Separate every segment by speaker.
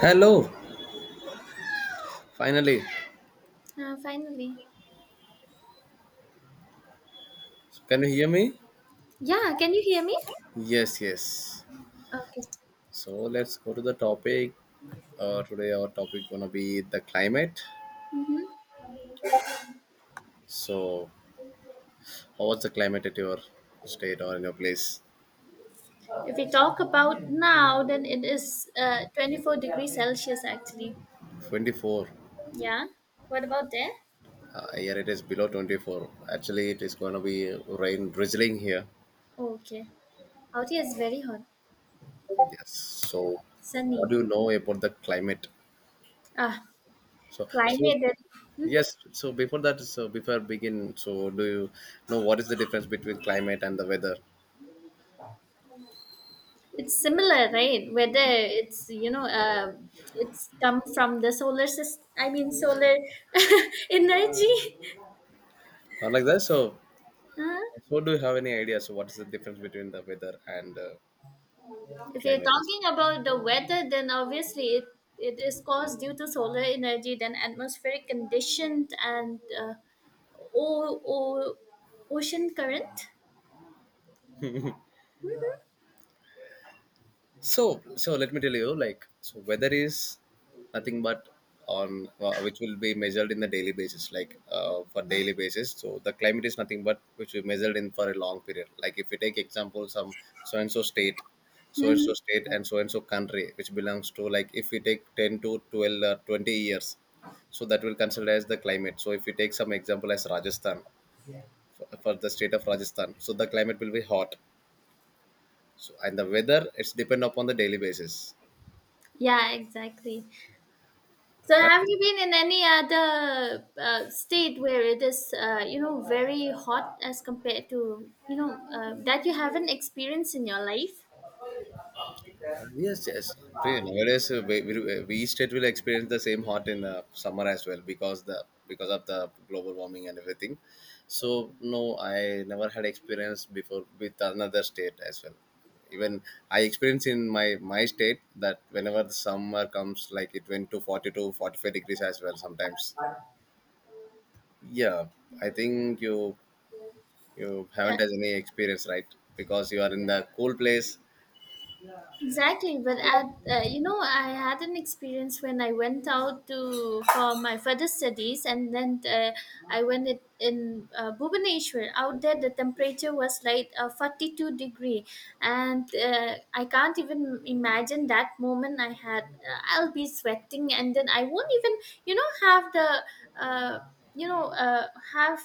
Speaker 1: Hello, finally.
Speaker 2: Finally.
Speaker 1: So can you hear me?
Speaker 2: Yeah, can you hear me?
Speaker 1: Yes, yes.
Speaker 2: Okay.
Speaker 1: So let's go to the topic. Today our topic gonna be the climate.
Speaker 2: Hmm.
Speaker 1: So how was the climate at your state or in your place?
Speaker 2: If we talk about now, then it is 24 degrees Celsius actually.
Speaker 1: 24.
Speaker 2: Yeah. What about there?
Speaker 1: Here it is below 24. Actually, it is gonna be rain drizzling here.
Speaker 2: Okay. Out here is very hot,
Speaker 1: Yes. So what
Speaker 2: sunny.
Speaker 1: do you know about the climate?
Speaker 2: Ah,
Speaker 1: So
Speaker 2: climate. Mm-hmm.
Speaker 1: yes. So before that, so before I begin, so do you know what is the difference between climate and the weather?
Speaker 2: It's similar, right? Whether it's you know, uh, it's come from the solar system. I mean, solar energy.
Speaker 1: Not like that. So,
Speaker 2: Huh?
Speaker 1: so do you have any idea? So, what is the difference between the weather and
Speaker 2: If you're
Speaker 1: climate? As
Speaker 2: talking
Speaker 1: well?
Speaker 2: about the weather, then obviously it, it is caused due to solar energy, then atmospheric condition and o- o- ocean current.
Speaker 1: So, so let me tell you. Like, so weather is nothing but on which will be measured in the daily basis, like for daily basis. So, the climate is nothing but which we measured in for a long period. Like, if we take example, some so and so state, so and
Speaker 2: Hmm.
Speaker 1: so state, and so country, which belongs to like if we take 10 to 12, or 20 years, so that will consider as the climate. So, if we take some example as Rajasthan for the state of Rajasthan. So the climate will be hot. So and the weather it's depend upon the daily basis,
Speaker 2: Yeah, exactly. So,
Speaker 1: right?
Speaker 2: have you been in any other state where it is, you know, very hot as compared to, you know, that you haven't experienced in your life?
Speaker 1: Yes, yes. See, nowadays we each state will experience the same hot in summer as well because the because of the global warming and everything. So no, I never had experience before with another state as well. Even I experience in my state that whenever the summer comes, like it went to 40 to 45 degrees as well sometimes. Yeah, I think you haven't has any experience, right? Because you are in the cool place.
Speaker 2: Exactly, but at you know, I had an experience when I went out to for my further studies, and then I went it in Bhubaneswar. Out there, the temperature was like 42 degree, and I can't even imagine that moment. I had I'll be sweating, and then I won't even have the uh, you know uh, have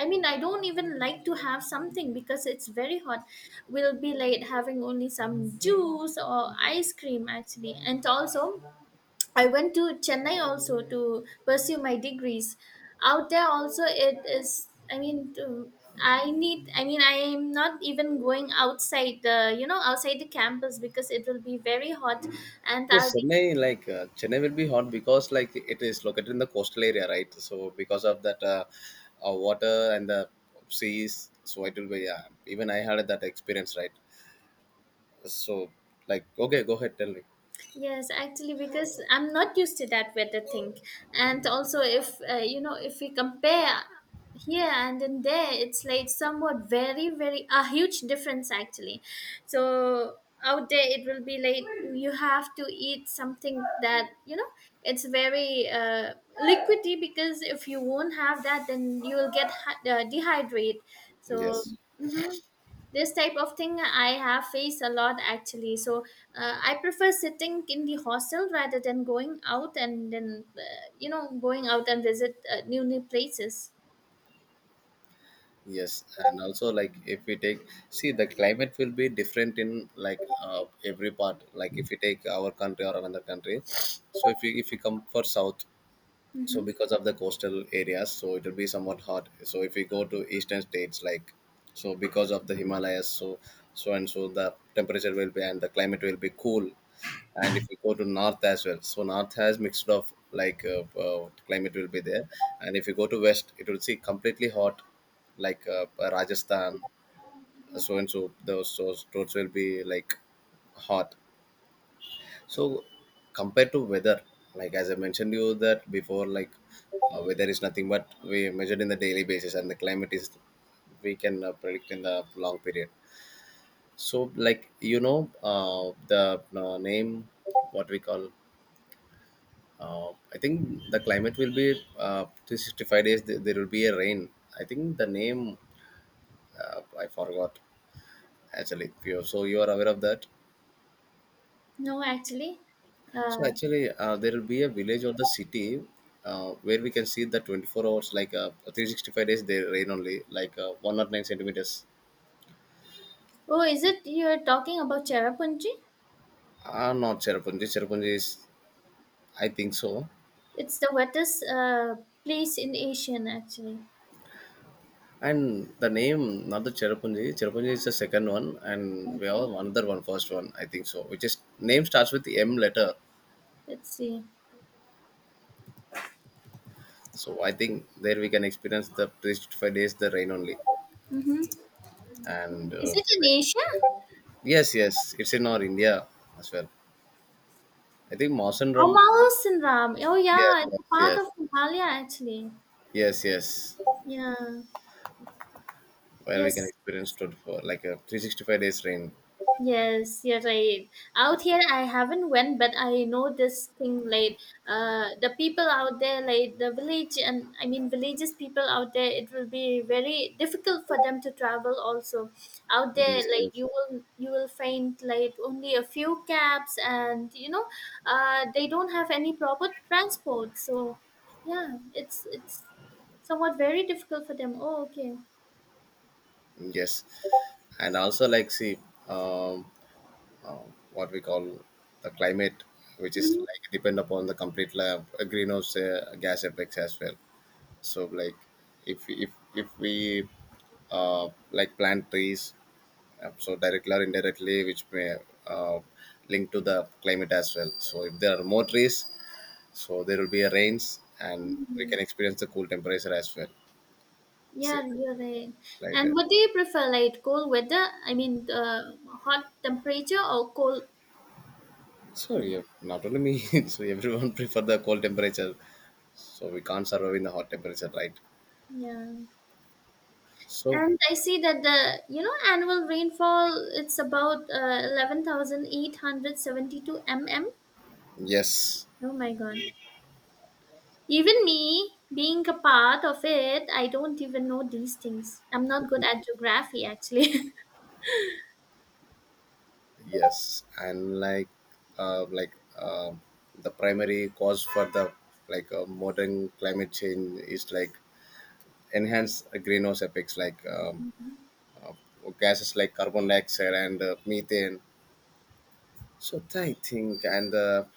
Speaker 2: I mean, I don't even like to have something because it's very hot. We'll be late having only some juice or ice cream, actually. And also, I went to Chennai also to pursue my degrees. Out there, also, it is, I mean, to, I need, I mean, I am not even going outside the, you know, outside the campus because it will be very hot and I'll
Speaker 1: Yes,
Speaker 2: be.
Speaker 1: Chennai, like Chennai will be hot because like it is located in the coastal area, right? So because of that water and the seas, so it will be. Yeah, even I had that experience, right? So like, okay, go ahead, tell me.
Speaker 2: Yes, actually, because I'm not used to that weather thing, and also if you know, if we compare here and in there, it's like somewhat very a huge difference actually. So out there, it will be like you have to eat something that it's very liquidy because if you won't have that, then you will get dehydrate. So.
Speaker 1: Yes,
Speaker 2: Mhm. This type of thing I have faced a lot actually. So I prefer sitting in the hostel rather than going out and then going out and visit new places.
Speaker 1: yes, and also like if we take see the climate will be different in like every part. Like if we take our country or another country, so if we come for south, so
Speaker 2: Mm-hmm.
Speaker 1: because of the coastal areas so it will be somewhat hot. So if we go to eastern states, like so because of the Himalayas, so so and so the temperature will be and the climate will be cool. And if we go to north as well, so north has mixed of like climate will be there. And if you go to west it will see completely hot, like Rajasthan. So and so those roads will be like hot. So compared to weather, like as I mentioned you that before, like weather is nothing but we measured in the daily basis, and the climate is we can predict in the long period. So like you know the name, what we call. I think the climate will be 365 days there there will be a rain. I think the name I forgot actually. If you- So you are aware of that?
Speaker 2: No, actually,
Speaker 1: So
Speaker 2: uh,
Speaker 1: actually, there will be a village or the city where we can see the 24 hours, like 365 days, they rain only, like one or nine centimeters.
Speaker 2: oh, is it you're talking about Cherrapunji?
Speaker 1: Ah, not Cherrapunji. Cherrapunji is, I think so.
Speaker 2: It's the wettest place in Asia actually.
Speaker 1: And the name, not the Cherrapunji. Cherrapunji is the second one, and we have
Speaker 2: Okay,
Speaker 1: another one, first one, I think so, which is name starts with M letter.
Speaker 2: let's see.
Speaker 1: So I think there we can experience the 365 days, the rain only.
Speaker 2: Mm-hmm.
Speaker 1: And
Speaker 2: Is it in
Speaker 1: like,
Speaker 2: Asia?
Speaker 1: yes, yes, it's in our India as well. I think
Speaker 2: Oh,
Speaker 1: Mausanram.
Speaker 2: Mount Sinram. Oh,
Speaker 1: Yes,
Speaker 2: yeah, it's
Speaker 1: yes,
Speaker 2: a part
Speaker 1: yes,
Speaker 2: of Himalaya actually.
Speaker 1: yes, yes.
Speaker 2: Yeah.
Speaker 1: Where we can
Speaker 2: Yes.
Speaker 1: experience to for like a 365 days rain.
Speaker 2: Yes, you're right. Out here, I haven't went, but I know this thing. Like, the people out there, like the village, and I mean villages people out there, it will be very difficult for them to travel. Also, out there,
Speaker 1: Yes,
Speaker 2: like
Speaker 1: yes,
Speaker 2: you will find like only a few cabs, and you know, they don't have any proper transport. So, yeah, it's somewhat very difficult for them. Oh, okay.
Speaker 1: yes. And also like see, um, uh, what we call the climate, which is
Speaker 2: Mhm.
Speaker 1: like depend upon the complete lab, greenhouse gas effects as well. So like, if we like plant trees, so directly or indirectly, which may uh, link to the climate as well. So if there are more trees, so there will be a rains, and we
Speaker 2: Mhm.
Speaker 1: can experience the cool temperature as well. So,
Speaker 2: Yeah, you're right.
Speaker 1: like
Speaker 2: And
Speaker 1: that.
Speaker 2: what do you prefer, like cold weather? I mean, hot temperature or cold
Speaker 1: So
Speaker 2: thing?
Speaker 1: yeah, not only me, so everyone prefer the cold temperature. So we can't survive in the hot temperature, right?
Speaker 2: Yeah.
Speaker 1: So
Speaker 2: And I see that the you know annual rainfall it's about 11,872 mm.
Speaker 1: yes,
Speaker 2: Oh my god! Even me being a part of it, I don't even know these things. I'm not good at geography actually.
Speaker 1: yes, and like uh, like uh, the primary cause for the like modern climate change is like enhanced greenhouse effects, like uh, gases like carbon dioxide and methane. So I think and the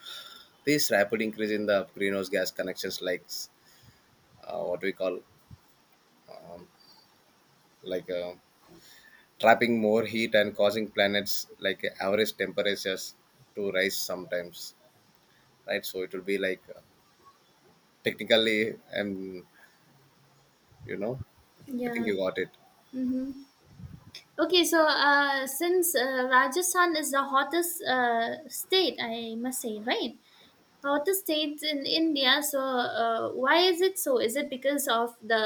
Speaker 1: this rapid increase in the greenhouse gas connections like what we call like trapping more heat and causing planets like average temperatures to rise sometimes, right? So it will be like technically and you know I think
Speaker 2: Yeah.
Speaker 1: you got it.
Speaker 2: Mm-hmm. Okay, so since Rajasthan is the hottest state, I must say, right? Hottest state in India. So why is it so? Is it because of the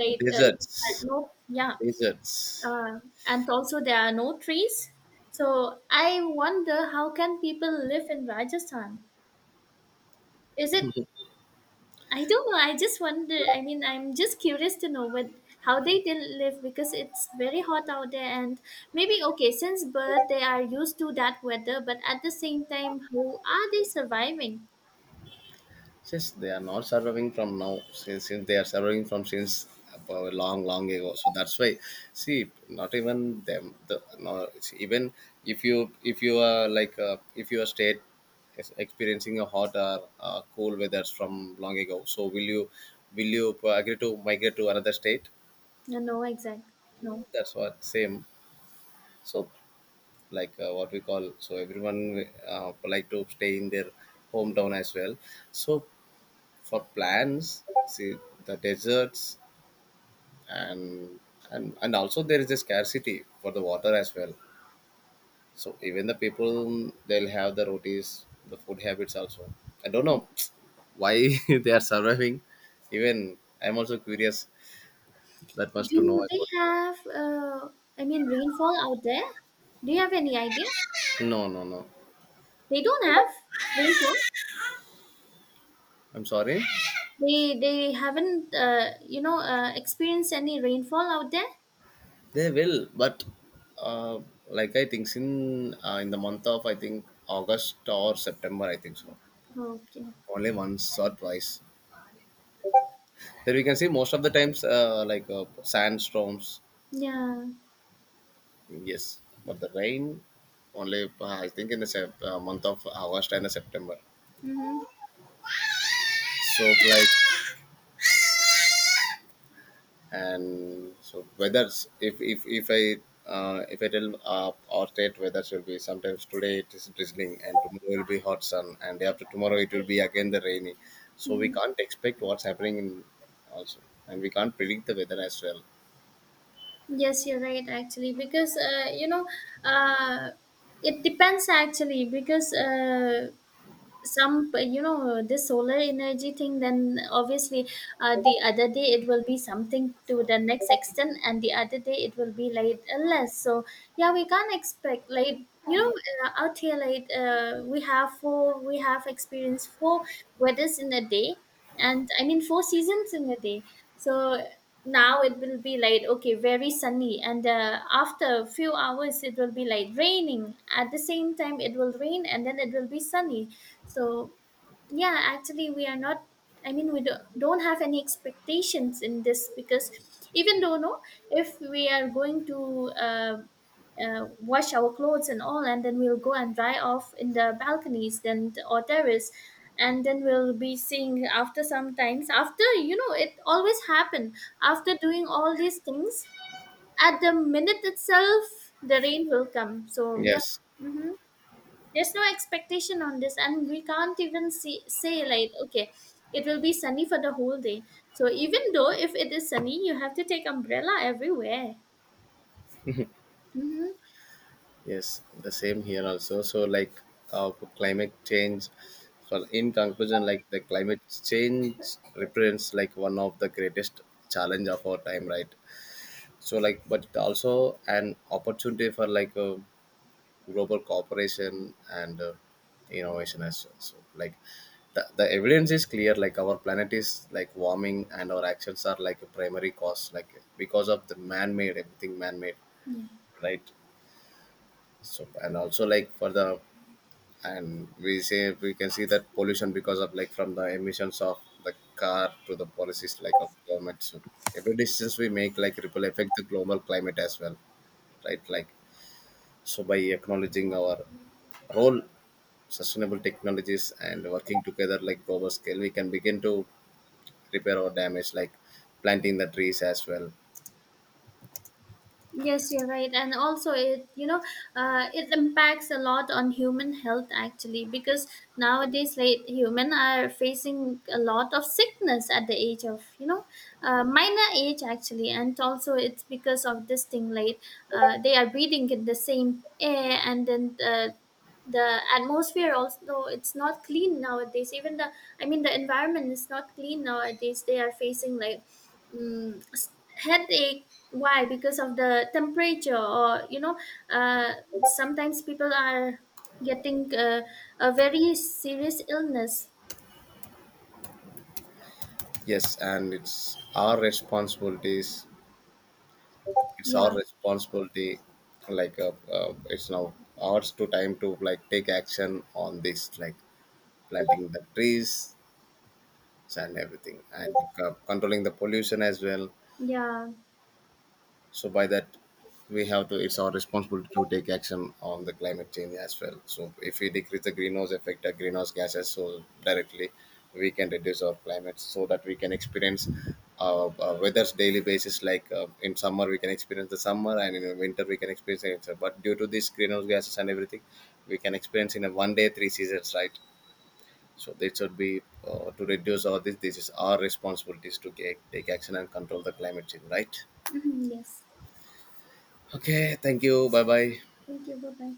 Speaker 2: like
Speaker 1: Deserts.
Speaker 2: no, yeah,
Speaker 1: Deserts.
Speaker 2: uh, and also there are no trees. So I wonder how can people live in Rajasthan? Is it I don't know. I just wonder. I mean, I'm just curious to know what how they did live because it's very hot out there, and maybe okay, since birth they are used to that weather, but at the same time, how are they surviving?
Speaker 1: Since they are not surviving from now, since they are surviving from since a long, long ago. So that's why, see, not even them. The no, it's even if you are like if your state is experiencing a hot or cool weathers from long ago, so will you agree to migrate to another state?
Speaker 2: No, no, exact. No.
Speaker 1: That's what same. So like what we call so everyone like to stay in their hometown as well. So for plants, see the deserts, and and also there is a scarcity for the water as well. So even the people they'll have the rotis, the food habits also. I don't know why they are surviving. Even I'm also curious that much to know
Speaker 2: Do they
Speaker 1: about.
Speaker 2: have? I mean, rainfall out there? Do you have any idea?
Speaker 1: No, no, no.
Speaker 2: They don't have rainfall.
Speaker 1: I'm sorry.
Speaker 2: They haven't experienced any rainfall out there.
Speaker 1: They will, but uh, like I think in the month of I think August or September, I think so.
Speaker 2: Okay.
Speaker 1: Only once or twice. That we can see most of the times, like sandstorms.
Speaker 2: Yeah.
Speaker 1: Yes, but the rain only. I think in the month of August and the September.
Speaker 2: Mm-hmm.
Speaker 1: So like and so weathers. If if I. If I tell our state weather will be sometimes today it is drizzling and tomorrow will be hot sun and day after tomorrow it will be again the rainy. So we
Speaker 2: Mm-hmm.
Speaker 1: can't expect what's happening in also, and we can't predict the weather as well.
Speaker 2: Yes, you're right, actually, because you know, uh, it depends actually, because some you know this solar energy thing then obviously the other day it will be something to the next extent and the other day it will be like less. So yeah, we can't expect like you know, out here like we have experienced four weathers in a day, and I mean four seasons in a day. So now it will be like okay, very sunny, and after a few hours it will be like raining, at the same time it will rain and then it will be sunny. So yeah, actually we are not, I mean we don't have any expectations in this, because even though no, if we are going to wash our clothes and all and then we'll go and dry off in the balconies then or terrace, and then we'll be seeing after sometimes, after you know it always happen, after doing all these things at the minute itself the rain will come. So yeah.
Speaker 1: Yes,
Speaker 2: Mm-hmm. There's no expectation on this and we can't even see, say like okay, it will be sunny for the whole day. So even though if it is sunny you have to take umbrella everywhere. Mm-hmm.
Speaker 1: yes, the same here also. So, like for climate change, so in conclusion, like the climate change represents like one of the greatest challenge of our time, right? So, like, but also an opportunity for like a global cooperation and innovation as well. So, like, the evidence is clear. Like, our planet is like warming, and our actions are like a primary cause, like because of the man-made everything man-made,
Speaker 2: Yeah.
Speaker 1: right? So, and also like for the and we say we can see that pollution because of like from the emissions of the car to the policies like of government. So every decisions we make like ripple affect the global climate as well, right? Like so by acknowledging our role, sustainable technologies and working together like global scale we can begin to repair our damage, like planting the trees as well.
Speaker 2: Yes, you're right, and also it you know, it impacts a lot on human health actually, because nowadays like human are facing a lot of sickness at the age of you know, minor age actually, and also it's because of this thing like they are breathing in the same air and then the atmosphere also it's not clean nowadays, even the I mean the environment is not clean nowadays, they are facing like mm, headache why because of the temperature or you know, uh, sometimes people are getting a very serious illness.
Speaker 1: Yes, and it's our responsibilities. It's our
Speaker 2: Yeah.
Speaker 1: responsibility, like it's now ours to time to like take action on this, like planting the trees and everything, and controlling the pollution as well.
Speaker 2: Yeah.
Speaker 1: So by that we have to, it's our responsibility to take action on the climate change as well. So if we decrease the greenhouse effect greenhouse gases, so directly we can reduce our climate so that we can experience weather's daily basis, like in summer we can experience the summer and in winter we can experience the winter. But due to these greenhouse gases and everything, we can experience in a one day three seasons, right? So this should be to reduce all this. This is our responsibilities to take action and control the climate change, right?
Speaker 2: Mhm, yes.
Speaker 1: Okay, thank you. Bye bye.
Speaker 2: Thank you, bye bye.